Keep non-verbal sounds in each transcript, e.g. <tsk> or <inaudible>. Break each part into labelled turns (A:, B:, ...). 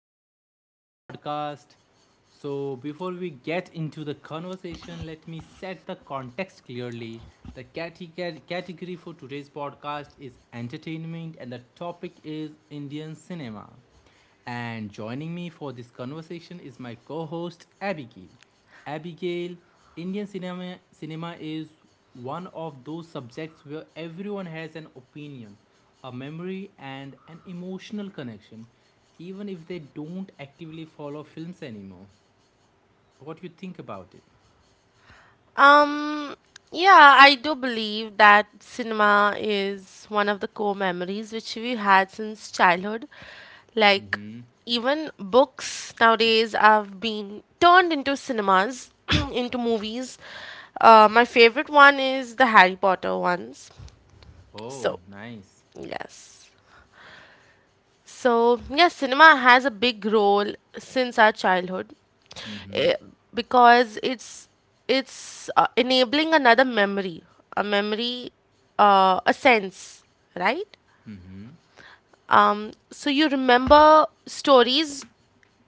A: to our new podcast. So, Before we get into the conversation, let me set the context clearly. The category for today's podcast is entertainment and the topic is Indian cinema. And joining me for this conversation is my co host Abigail. Abigail, Indian cinema, is one of those subjects where everyone has an opinion, a memory, and an emotional connection, even if they don't actively follow films anymore. What you think about it?
B: Um, yeah, I do believe that cinema is one of the core memories which we had since childhood. Like,
A: Mm-hmm.
B: even books nowadays have been turned into cinemas, <clears throat> into movies. My favorite one is the Harry Potter ones.
A: Oh,
B: So,
A: nice.
B: yes. So, yeah, cinema has a big role since our childhood,
A: Mm-hmm.
B: eh, because it's enabling another memory, a memory, a sense, right?
A: Mm-hmm.
B: So you remember stories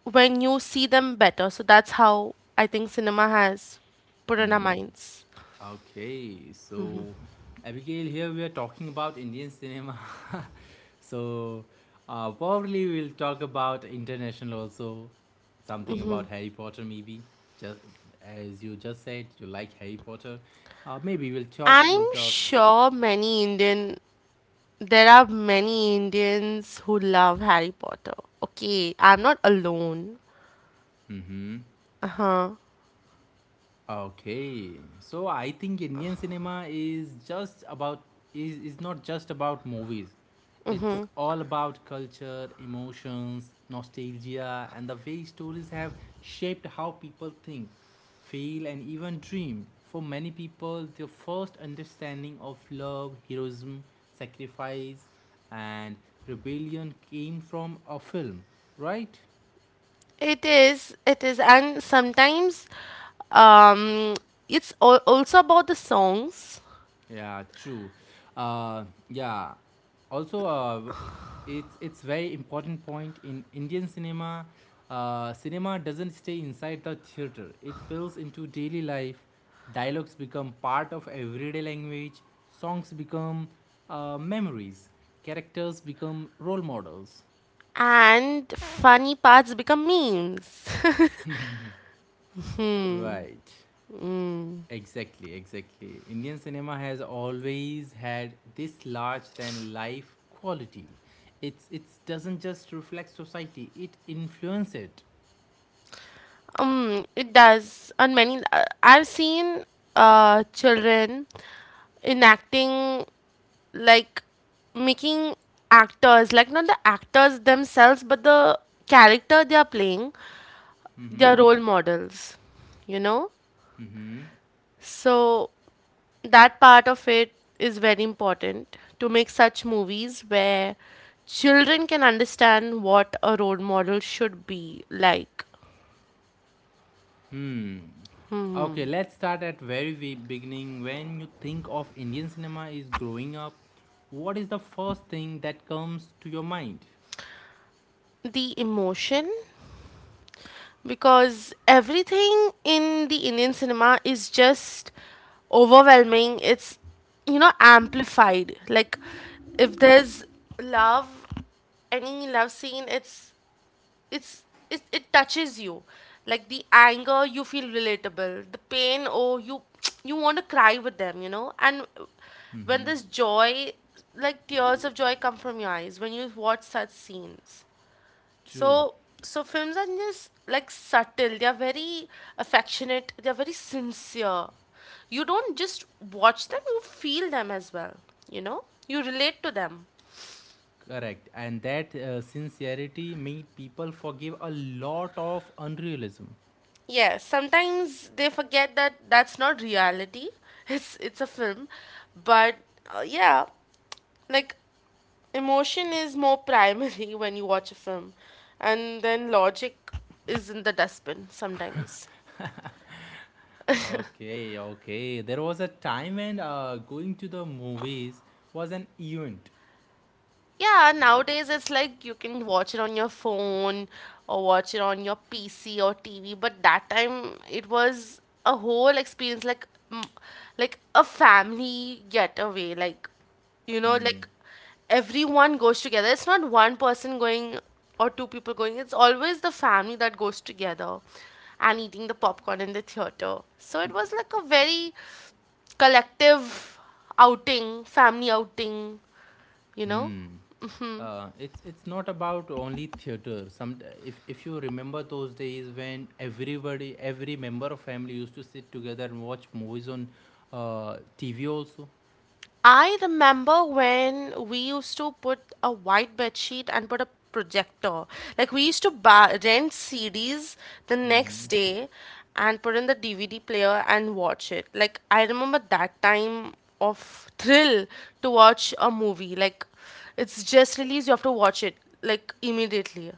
B: when you see them better. So that's how I think cinema has put in our minds.
A: Okay, so Abigail, here we are talking about Indian cinema. <laughs> so Probably we'll talk about international also, something about Harry Potter maybe. Just as you just said, you like Harry Potter. Maybe we'll talk.
B: I'm
A: We'll talk.
B: sure many Indian there are many Indians who love Harry Potter. Okay, I'm not alone.
A: Mm-hmm.
B: Uh-huh.
A: Okay, so I think Indian cinema is just is not just about movies. It's all about culture, emotions, nostalgia, and the way stories have shaped how people think, feel, and even dream. For many people, their first understanding of love, heroism, sacrifice, and rebellion came from a film, right?
B: It is, and sometimes um it's also about the songs
A: Yeah, true. Yeah. Also, it's very important point in Indian cinema. Cinema doesn't stay inside the theater. It builds into daily life. Dialogues become part of everyday language. Songs become memories. Characters become role models.
B: and funny parts become memes.
A: Right. Exactly, exactly. Indian cinema has always had this large than life quality. It's it doesn't just reflect society; it influences it.
B: <laughs> It does on many, I've seen children enacting, like making actors, like not the actors themselves but the character they are playing,
A: Mm-hmm.
B: their role models, you know?
A: Mm-hmm.
B: So that part of it is very important to make such movies where children can understand what a role model should be like.
A: Hmm. Okay, let's start at very beginning. When you think of Indian cinema is growing up, what is the first thing that comes to your mind?
B: The emotion, because everything in the Indian cinema is just overwhelming. It's, amplified. Like, if there's love, any love scene, it's it it, touches you. Like the anger, you feel relatable, the pain. Oh, you <tsk> you want to cry with them, and when
A: Mm-hmm.
B: this joy, like tears of joy, come from your eyes when you watch such scenes. so
A: True.
B: so films are just like subtle. They are very affectionate, they are very sincere. You don't just watch them, you feel them as well, you relate to them.
A: Correct. And that sincerity made people forgive a lot of unrealism.
B: Yes, sometimes they forget that that's not reality. <laughs> It's a film, but, yeah, like emotion is more primary, <laughs> when you watch a film, and then logic is in the dustbin sometimes.
A: Okay, okay. There was a time when going to the movies was an event.
B: Yeah, nowadays it's like you can watch it on your phone or watch it on your PC or TV, but that time it was a whole experience, like, like a family getaway, like, like everyone goes together. It's not one person going or two people going. It's always the family that goes together and eating the popcorn in the theater. So it was like a very collective outing, family outing, you know?
A: Hmm. It's not about only theater. Some if you remember those days when everybody, every member of family used to sit together and watch movies on TV also.
B: I remember when we used to put a white bed sheet and put a projector. Like, we used to rent CDs the next
A: Hmm.
B: day and put in the DVD player and watch it. Like I remember that time of thrill to watch a movie. Like, it's just released, you have to watch it like immediately,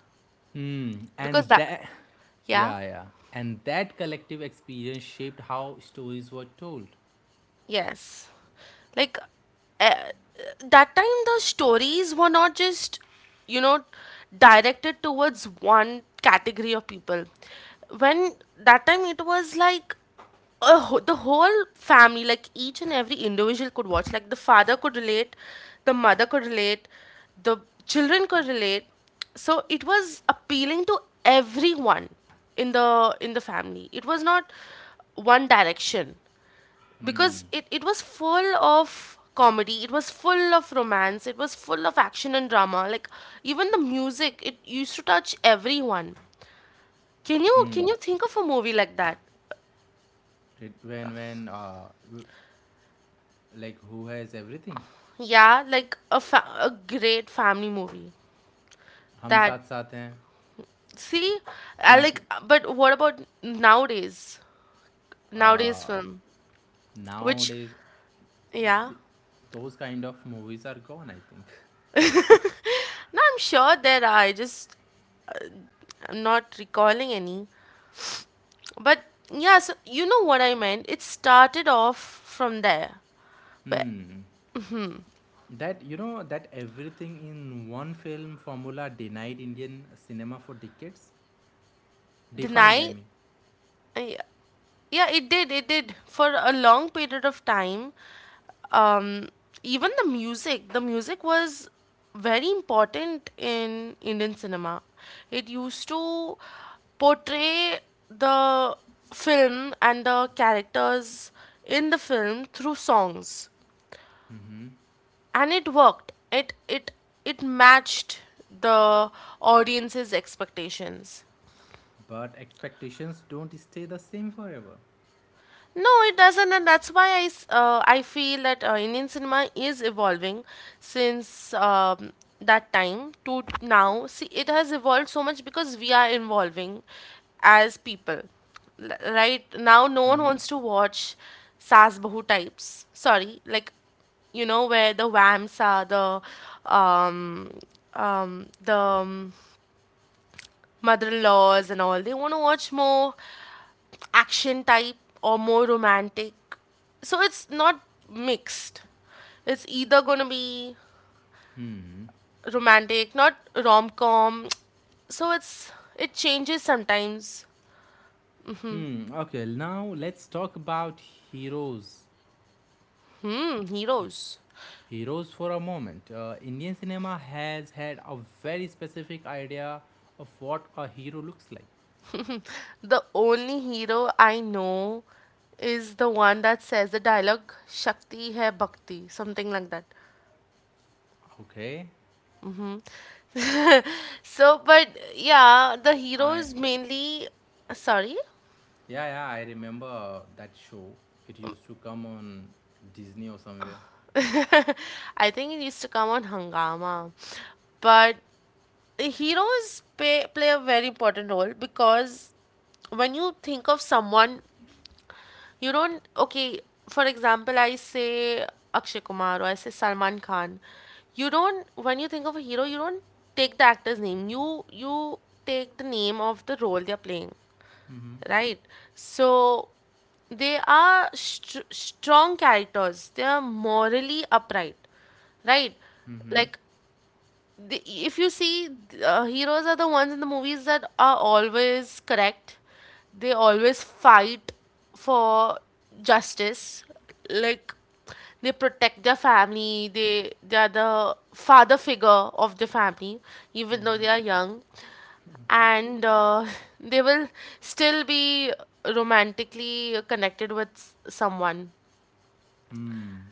A: Hmm.
B: because that, yeah.
A: Yeah, yeah. And that collective experience shaped how stories were told.
B: Yes. Like, uh, that time the stories were not just, you know directed towards one category of people. When that time it was like the whole family, like each and every individual could watch, like the father could relate, the mother could relate, the children could relate. So it was appealing to everyone in the family. It was not one direction, because
A: Hmm.
B: it was full of comedy, it was full of romance, it was full of action and drama. Like, even the music, it used to touch everyone. can you
A: Mm.
B: can you think of a movie like that?
A: It, when Like who has everything,
B: Yeah, like a great family movie.
A: hum
B: That,
A: saath saath hain
B: see, I
A: since
B: like, but what about nowadays? Nowadays
A: uh,
B: film, which,
A: nowadays
B: yeah.
A: th- those kind of movies are gone, I think.
B: No, I'm sure there are, I'm not recalling any, but yeah, so you know what I meant, it started off from there where
A: Hmm, that you know that everything in one film formula denied Indian cinema for decades
B: the
A: defined, I
B: night.
A: mean.
B: Yeah, yeah, it did for a long period of time. um Even the music was very important in Indian cinema. It used to portray the film and the characters in the film through songs,
A: Hmm.
B: and it worked, it matched the audience's expectations.
A: But expectations don't stay the same forever.
B: No, it doesn't, and that's why I feel that, Indian cinema is evolving since, that time to now. See, it has evolved so much because we are evolving as people. Right now no one
A: Hmm.
B: wants to watch sas bahu types, sorry, like, where the vamps are, um um the mother-in-laws, and all they want to watch more action type or more romantic. So it's not mixed, it's either going to be romantic, not rom-com. So it changes sometimes.
A: Hmm, okay, now let's talk about heroes
B: Hmm, heroes.
A: heroes for a moment. Indian cinema has had a very specific idea of what a hero looks like.
B: The only hero I know is the one that says the dialogue, shakti hai bhakti, something like that.
A: Okay,
B: So, but yeah, the
A: I,
B: heroes mainly. Sorry.
A: yeah, yeah, I remember that show. It used to come on Disney or somewhere.
B: <laughs> I think it used to come on Hangama. But the heroes play a very important role, because when you think of someone, you don't. Okay, for example, I say Akshay Kumar or I say Salman Khan. You don't. When you think of a hero, you don't take the actor's name. You take the name of the role they're playing,
A: Mm-hmm.
B: right? So they are strong characters. They are morally upright, right?
A: Mm-hmm.
B: Like, if you see, heroes are the ones in the movies that are always correct. They always fight for justice. Like, they protect their family, they are the father figure of the family, even though they are young, and, <laughs> they will still be romantically connected with someone.
A: Hmm.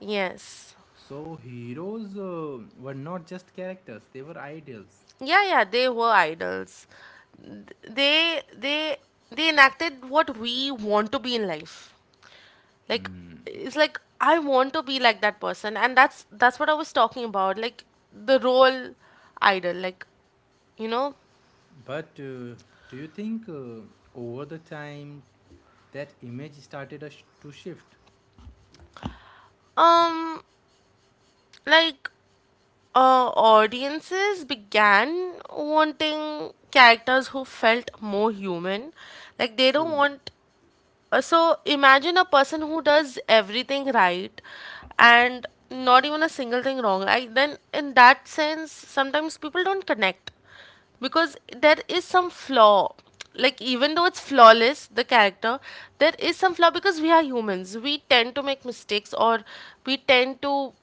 B: Yes.
A: So heroes were not just characters; they were ideals.
B: Yeah, yeah, they were idols. Th- They they they enacted what we want to be in life. Like,
A: Hmm.
B: it's like I want to be like that person, and that's what I was talking about. Like, the role idol, like, you know,
A: But do you think over the time that image started to shift?
B: um like, audiences began wanting characters who felt more human. Like, they don't
A: True.
B: want. So imagine a person who does everything right and not even a single thing wrong. I, then, in that sense, sometimes people don't connect because there is some flaw. Like, even though it's flawless, the character, there is some flaw because we are humans. We tend to make mistakes, or we tend to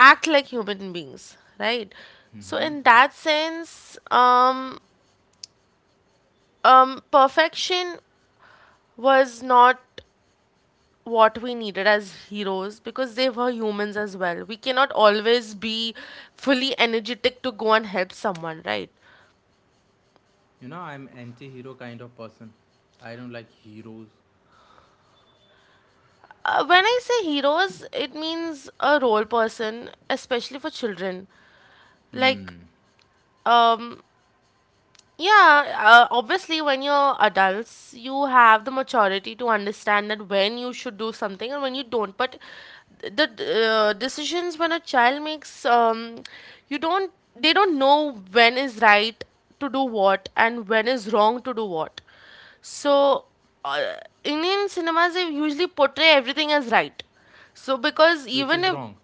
B: act like human beings, right? So,
A: Mm-hmm.
B: in that sense, perfection was not what we needed as heroes because they were humans as well. We cannot always be fully energetic to go and help someone, right?
A: You know, I'm anti-hero kind of person. I don't like heroes.
B: When I say heroes, it means a role person, especially for children. Like,
A: Hmm.
B: um, yeah, obviously, when you're adults, you have the maturity to understand that when you should do something and when you don't. But the decisions when a child makes, you don't, they don't know when is right to do what and when is wrong to do what. So, uh, Indian cinemas they usually portray everything as right. So, because
A: Which
B: even
A: is
B: if.
A: wrong.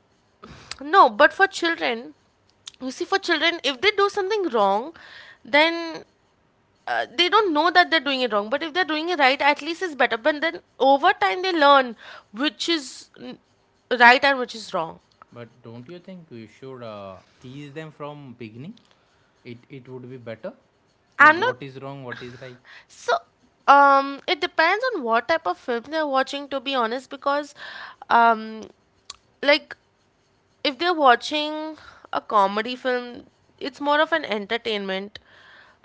B: No, but for children, you see, for children, if they do something wrong, then, they don't know that they're doing it wrong, but if they're doing it right, at least it's better, but then over time they learn which is, right, and which is wrong.
A: But don't you think we should tease them from beginning? It would be better
B: I'm
A: than
B: not.
A: what is wrong, what is right.
B: So, it depends on what type of film they're watching, to be honest, because, um like, if they're watching a comedy film, it's more of an entertainment,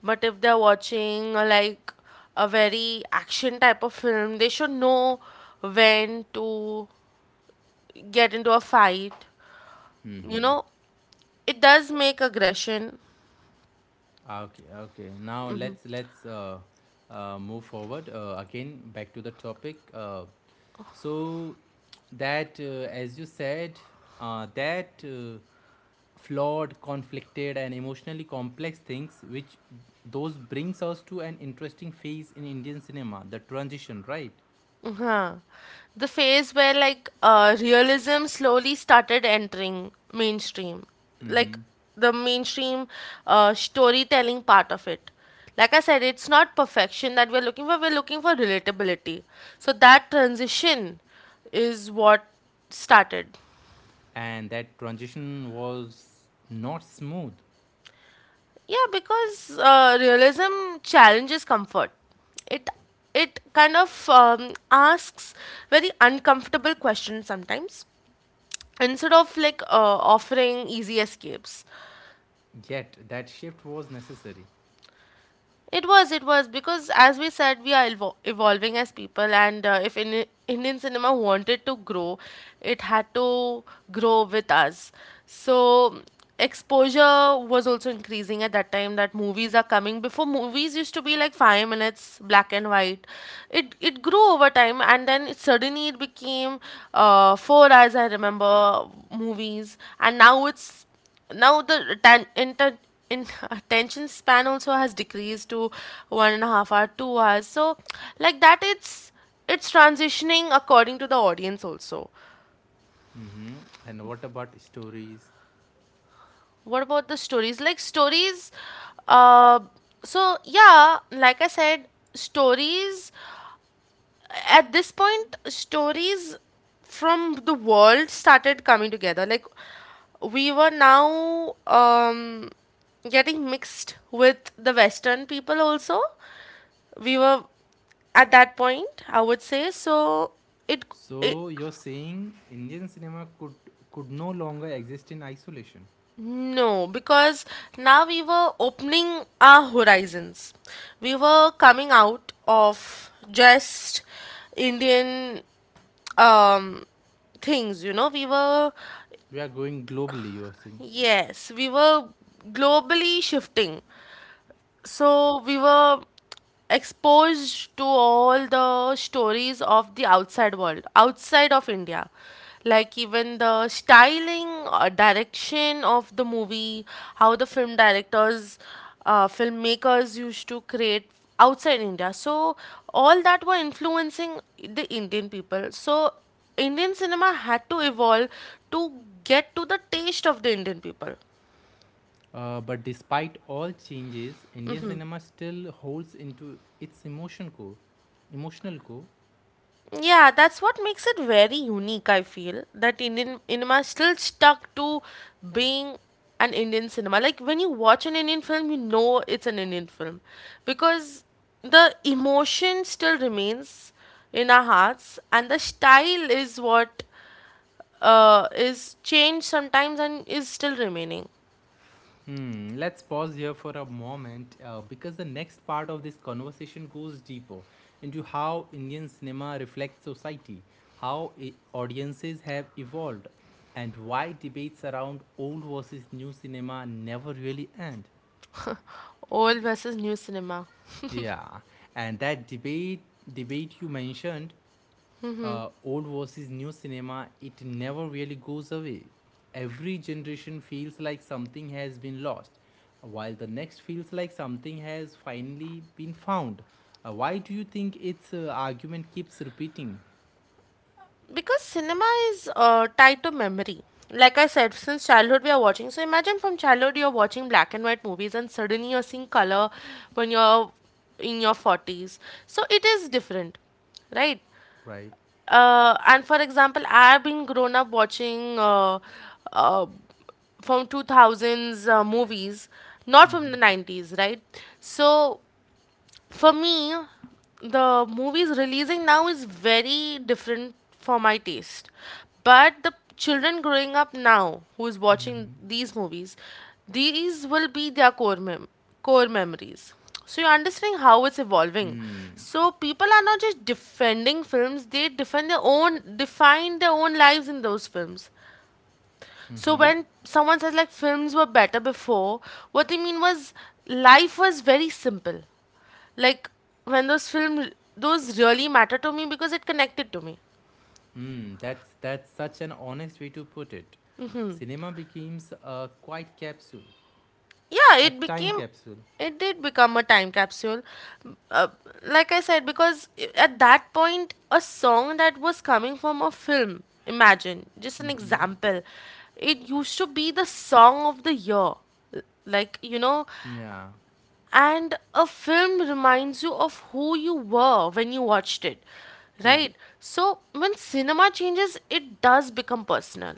B: but if they're watching, like a very action type of film, they should know when to get into a fight. You
A: Mm-hmm.
B: know, it does make aggression.
A: Okay, okay. Now let's move forward again back to the topic. So that As you said, that flawed, conflicted, and emotionally complex things, which those brings us to an interesting phase in Indian cinema, the transition, right?
B: Huh. The phase where, like, realism slowly started entering mainstream,
A: Mm-hmm.
B: like the mainstream, storytelling part of it. Like I said, it's not perfection that we're looking for relatability. So that transition is what started.
A: And that transition was not smooth,
B: Yeah, because, realism challenges comfort. It it kind of, asks very uncomfortable questions sometimes instead of like, offering easy escapes.
A: yet that shift was necessary.
B: It was, because as we said, we are evolving as people, and, if Indian cinema wanted to grow, it had to grow with us. So, exposure was also increasing at that time that movies are coming. Before, movies used to be like 5 minutes, black and white. It grew over time, and then suddenly it became, 4 hours, I remember, movies, and now it's now the <laughs> attention span also has decreased to 1.5 hour, 2 hours. So, like that, it's transitioning according to the audience also.
A: Hmm. And what about stories?
B: What about the stories? Like stories, uh so yeah, like I said, stories, at this point stories from the world started coming together, like we were now, getting mixed with the western people also, we were, at that point I would say. So it, it.
A: So you're saying Indian cinema could no longer exist in isolation.
B: No, because now we were opening our horizons, we were coming out of just Indian, um things, we were.
A: We are going globally. You are saying.
B: Yes, we were globally shifting. So we were exposed to all the stories of the outside world, outside of India. Like, even the styling or direction of the movie, how the film filmmakers used to create outside India. So all that were influencing the Indian people. So Indian cinema had to evolve to get to the taste of the Indian people.
A: But despite all changes, Indian cinema still holds into its emotion core. Emotional core.
B: Yeah, that's what makes it very unique, I feel. That Indian cinema is still stuck to being an Indian cinema. Like when you watch an Indian film, you know it's an Indian film because the emotion still remains in our hearts, and the style is what is changed sometimes and is still remaining.
A: Hmm. Let's pause here for a moment because the next part of this conversation goes deeper into how Indian cinema reflects society, how audiences have evolved, and why debates around old versus new cinema never really end.
B: Old versus new cinema.
A: Yeah, and that debate you mentioned, old versus new cinema, it never really goes away. Every generation feels like something has been lost, while the next feels like something has finally been found. Why do you think its argument keeps repeating?
B: Because cinema is tied to memory. Like I said, since childhood we are watching, so imagine from childhood you're watching black and white movies and suddenly you're seeing color when you're in your 40s. So it is different, right?
A: Right.
B: And for example, I've been grown up watching uh, from 2000s movies, not
A: Hmm.
B: from the 90s, right? So for me, the movies releasing now is very different for my taste. But the children growing up now who is watching these movies, these will be their core memories. So you're understanding how it's evolving.
A: Mm-hmm.
B: So people are not just defending films, they defend their own define their own lives in those films. So when someone says like films were better before, what they mean was life was very simple. Like when those film those really matter to me because it connected to me.
A: Mm. That's such an honest way to put it. Cinema becomes a quiet capsule,
B: Yeah,
A: a time capsule.
B: it did become a time capsule. Uh, like I said, because at that point a song that was coming from a film, imagine, just an
A: Mm-hmm.
B: example. It used to be the song of the year, like, you know.
A: Yeah.
B: And a film reminds you of who you were when you watched it,
A: True.
B: right? So when cinema changes, it does become personal.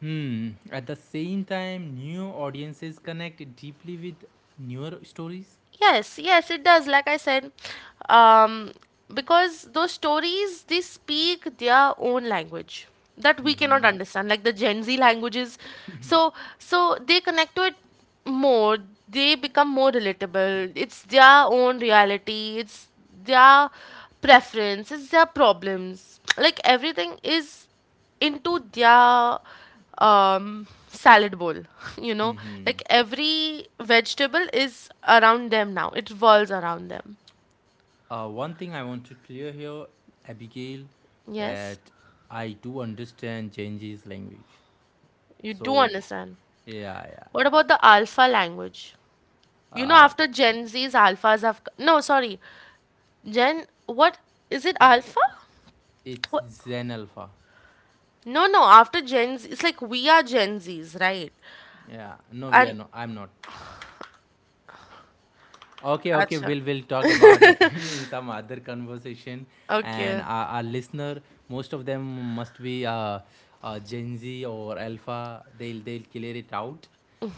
A: Hmm. At the same time, new audiences connect deeply with newer stories.
B: Yes, yes, it does. Like I said, um, because those stories they speak their own language that we cannot
A: Mm-hmm.
B: understand, like the Gen Z languages. So they connect to it more. They become more relatable. It's their own reality. It's their preference. It's their problems. Like everything is into their salad bowl. <laughs> You know,
A: Mm-hmm.
B: like every vegetable is around them now. It revolves around them.
A: One thing I want to clear here, Abigail,
B: Yes,
A: that I do understand Genji's language.
B: you do
A: So
B: understand.
A: yeah, yeah.
B: What about the alpha language? You know,
A: Uh,
B: after Gen Z's alphas have no, sorry, Gen. What is it? Alpha?
A: it's
B: What?
A: Zen Alpha.
B: No, no. After Gen Z, it's like we are Gen Z's, right?
A: Yeah. No, we are
B: And
A: not. I'm not. Okay, okay,
B: acha,
A: we'll talk about it <laughs> in some other conversation. And
B: okay.
A: our listener, most of them must be Gen Z or Alpha. They'll clear it out.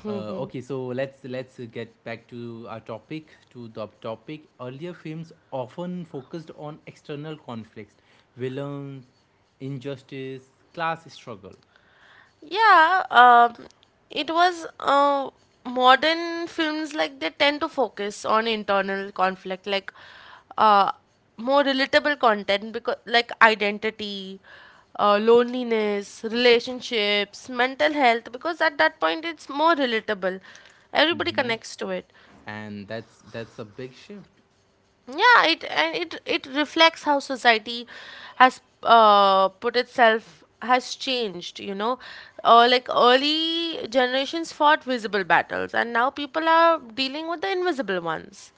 A: Okay, so let's get back to our topic. To the topic, earlier films often focused on external conflicts, villains, injustice, class struggle.
B: Yeah, it was modern films like they tend to focus on internal conflict, like uh, more relatable content, because like identity, loneliness, relationships, mental health. Because at that point, it's more relatable. Everybody
A: Hmm.
B: connects to it.
A: And that's a big shift.
B: Yeah, it and it reflects how society has put itself has changed, you know. Like early generations fought visible battles, and now people are dealing with the invisible ones,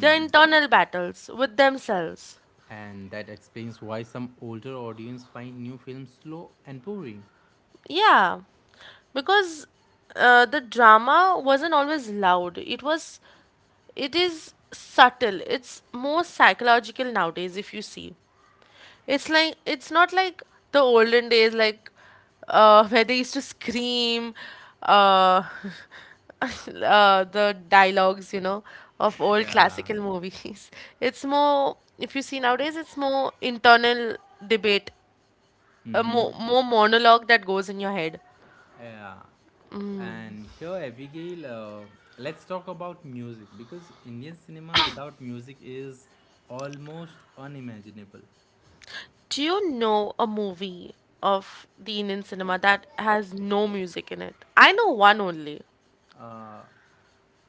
B: their internal battles with themselves.
A: And that explains why some older audience find new films slow and boring.
B: Yeah, because the drama wasn't always loud. It was, it is subtle. It's more psychological nowadays, if you see. It's like it's not like the olden days, like where they used to scream uh, <laughs> the dialogues, you know, of old
A: Yeah.
B: classical movies. <laughs> It's more, if you see nowadays, it's more internal debate, a
A: Mm-hmm.
B: more monologue that goes in your head.
A: Yeah. And here, Abigail, let's talk about music because Indian cinema without music is almost unimaginable.
B: Do you know a movie of the Indian cinema that has no music in it? I know one only.
A: Uh,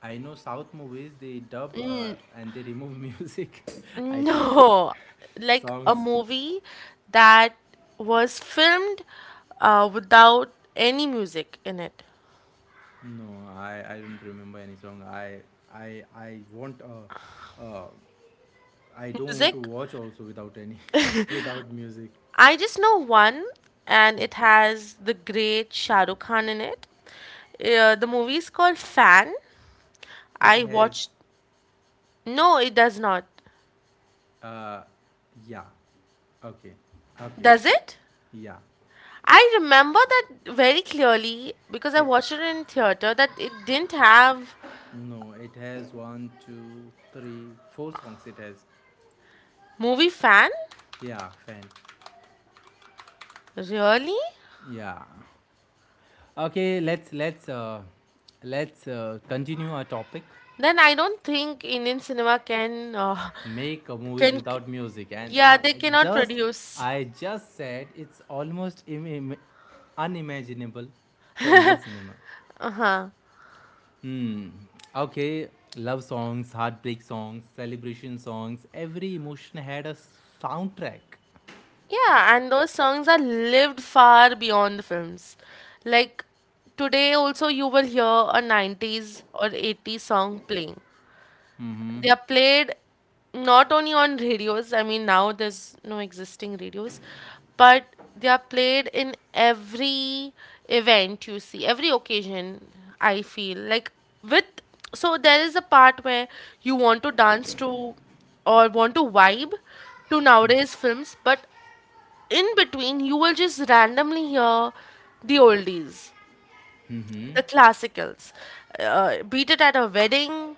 A: I know South movies they dub and they remove <laughs> music. I think
B: No, like a
A: songs.
B: movie that was filmed without any music in it.
A: No, I don't remember any song. I want a, I don't want to
B: Music,
A: watch also without any <laughs> without music.
B: I just know one, and it has the great Shah Rukh Khan in it. The movie is called Fan.
A: It
B: I
A: has
B: watched. No, it does not.
A: uh, yeah. Okay. Okay.
B: Does it?
A: Yeah.
B: I remember that very clearly because I
A: It,
B: watched it in theater that it didn't have
A: no, it has one, two, three, four songs it has.
B: movie fan.
A: Yeah, fan.
B: Really?
A: Yeah. Okay, let's continue our topic.
B: Then I don't think Indian cinema
A: Make movies
B: can
A: without music, and
B: yeah they cannot
A: just
B: produce.
A: I just said it's almost unimaginable for Indian cinema.
B: Uh-huh.
A: Hmm. Okay. Love songs, heartbreak songs, celebration songs. Every emotion had a soundtrack.
B: Yeah, and those songs are lived far beyond the films. Like today also you will hear a 90s or 80s song playing.
A: Hmm.
B: They are played not only on radios, I mean, now there's no existing radios, but they are played in every event you see, every occasion, I feel. Like, with, so there is a part where you want to dance to or want to vibe to nowadays films, but in between, you will just randomly hear the oldies, the classicals, beat it at a wedding,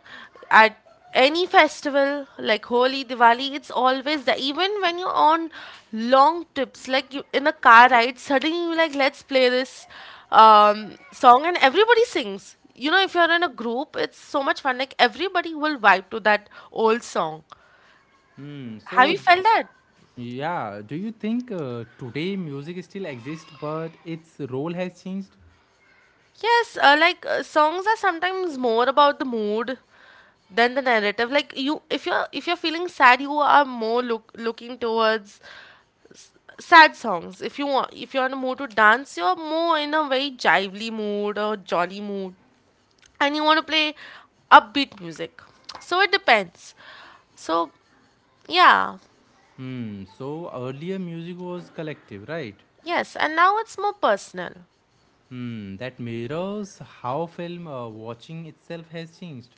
B: at any festival like holi diwali. It's always there, even when you're on long trips, like you in a car ride suddenly you're like, let's play this song, and everybody sings, you know. If you're in a group it's so much fun, like everybody will vibe to that old song.
A: Hmm.
B: Have
A: So,
B: you felt that?
A: yeah. Do you think today music still exists, but its role has changed?
B: Yes, like songs are sometimes more about the mood than the narrative. Like you, if you're feeling sad, you are more looking towards sad songs. If you're in a mood to dance, you're more in a very jively mood or jolly mood, and you want to play upbeat music. So it depends. So yeah,
A: Hmm. So earlier music was collective, right?
B: yes, and now it's more personal.
A: Hmm. That mirrors how film watching itself has changed.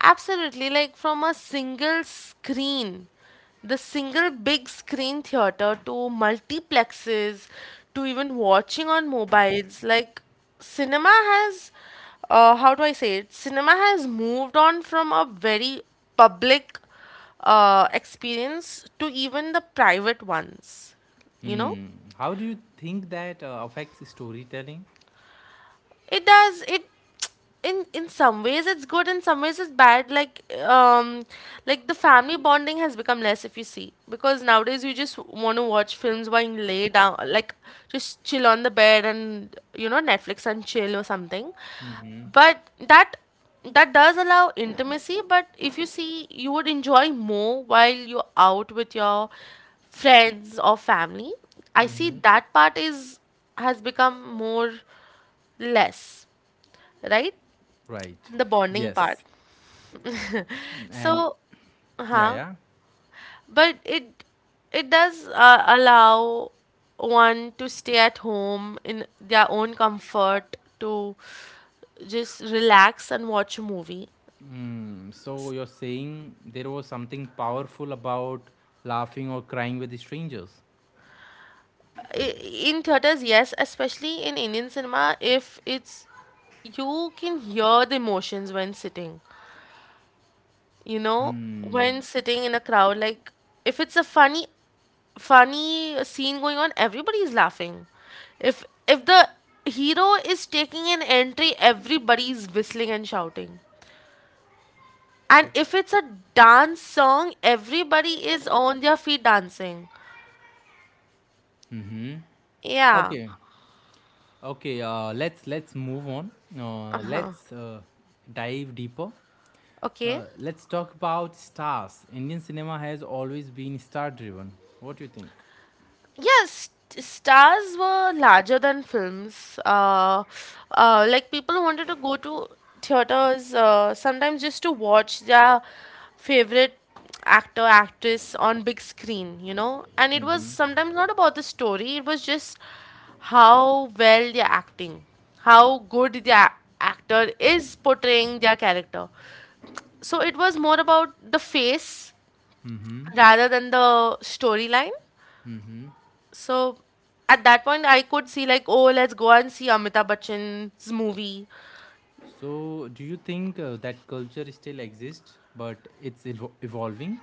B: Absolutely, like from a single screen, the single big screen theater to multiplexes to even watching on mobiles, like cinema has, how do I say it? Cinema has moved on from a very public experience to even the private ones, you know?
A: How do you think that affects storytelling?
B: It does. It in some ways it's good, in some ways it's bad. Like the family bonding has become less if you see, because nowadays you just want to watch films while you lay down, like just chill on the bed, and you know, Netflix and chill or something. But that does allow intimacy. But if you see, you would enjoy more while you're out with your friends or family. I see that part is has become more less, right?
A: Right.
B: The bonding part.
A: Yes. And
B: So,
A: yeah,
B: huh?
A: yeah.
B: But it does allow one to stay at home in their own comfort to just relax and watch a movie.
A: So you're saying there was something powerful about laughing or crying with the strangers.
B: I- In theaters, yes, especially in Indian cinema, if it's you can hear the emotions when sitting, you know, when sitting in a crowd. Like if it's a funny scene going on, everybody is laughing. If the hero is taking an entry, everybody is whistling and shouting. And if it's a dance song, everybody is on their feet dancing, yeah.
A: Okay, okay. Let's move on.
B: Uh-huh.
A: Let's Dive deeper.
B: Okay.
A: Let's talk about stars. Indian cinema has always been star-driven. What do you think?
B: Yes, stars were larger than films. Like people wanted to go to theaters sometimes just to watch their favorite actor, actress on big screen, you know. And it was sometimes not about the story, it was just how well they're acting, how good the actor is portraying their character. So it was more about the face rather than the storyline. So at that point, I could see like, oh, let's go and see Amitabh Bachchan's movie.
A: So, do you think that culture still exists, but it's evolving?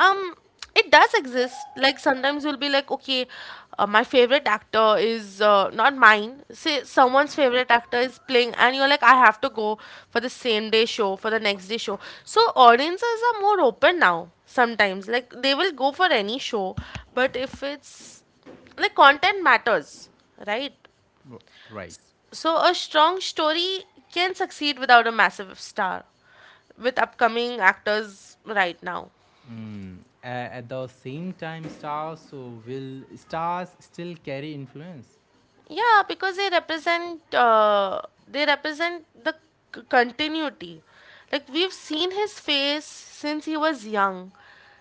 B: Um, it does exist. Like sometimes you'll be like, okay, my favorite actor is not mine. Say someone's favorite actor is playing, and you're like, I have to go for the same day show, for the next day show. So audiences are more open now. Sometimes like they will go for any show, but if it's like content matters, right?
A: R- Right.
B: So, a strong story can succeed without a massive star, with upcoming actors right now.
A: Mm. At the same time, stars so will stars still carry influence?
B: Yeah, because they represent the continuity. Like we've seen his face since he was young.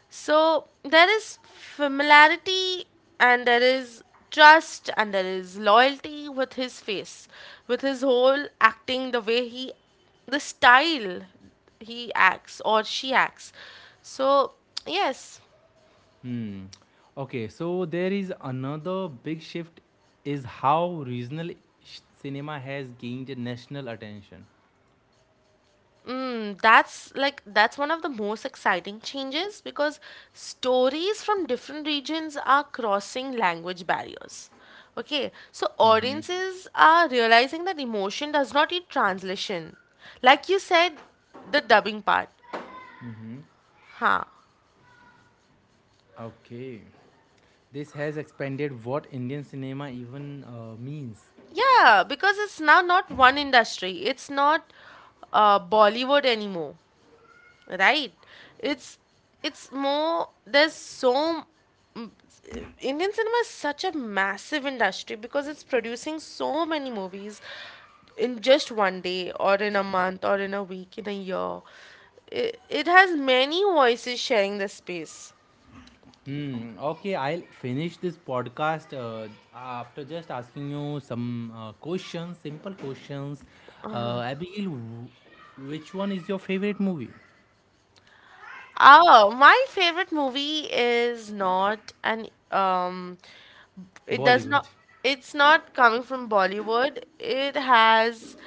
B: So there is familiarity, and there is trust, and there is loyalty with his face, with his whole acting, the way he the style he acts or she acts. So, yes.
A: Hmm. Okay, so there is another big shift is how regional cinema has gained national attention.
B: Mm, that's like that's one of the most exciting changes because stories from different regions are crossing language barriers. Okay, so audiences are realizing that emotion does not need translation. Like you said, the dubbing part. Huh.
A: Okay. This has expanded what Indian cinema even means.
B: Yeah, because it's now not one industry. It's not Bollywood anymore. Right, it's more there's so m- indian cinema is such a massive industry because it's producing so many movies in just one day or in a month or in a week in a year. It has many voices sharing the space.
A: Hmm. Okay, I'll finish this podcast after just asking you some questions, simple questions. Abigail, which one is your favorite movie?
B: Oh, my favorite movie is not an it does not
A: Bollywood.
B: it's not coming from Bollywood. It has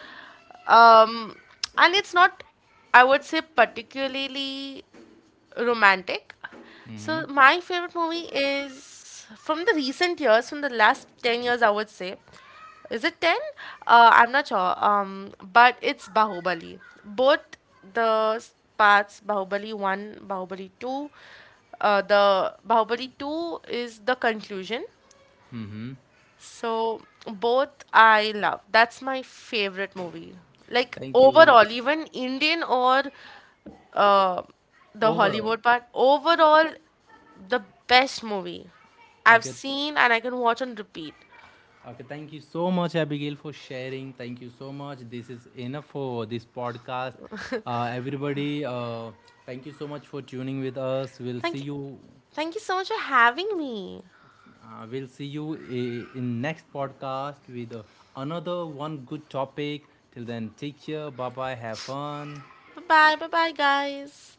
B: um and it's not, I would say, particularly romantic. So my favorite movie is from the recent years, from the last 10 years, I would say. Is it 10? I'm not sure. But it's Bahubali. Both the parts, Bahubali 1, Bahubali 2. The Bahubali 2 is the conclusion, so both I love. That's my favorite movie. Like
A: Thank you.
B: overall, even Indian or uh, the
A: Overall.
B: Hollywood part, overall, the best movie I've
A: Okay.
B: seen, and I can watch on repeat.
A: Okay, thank you so much, Abigail, for sharing. Thank you so much. This is enough for this podcast. Everybody, thank you so much for tuning with us. We'll see
B: Thank you.
A: you.
B: Thank you so much for having me.
A: We'll see you in next podcast with another one good topic. Till then, take care. Bye bye. Have fun.
B: Bye bye, bye bye, guys.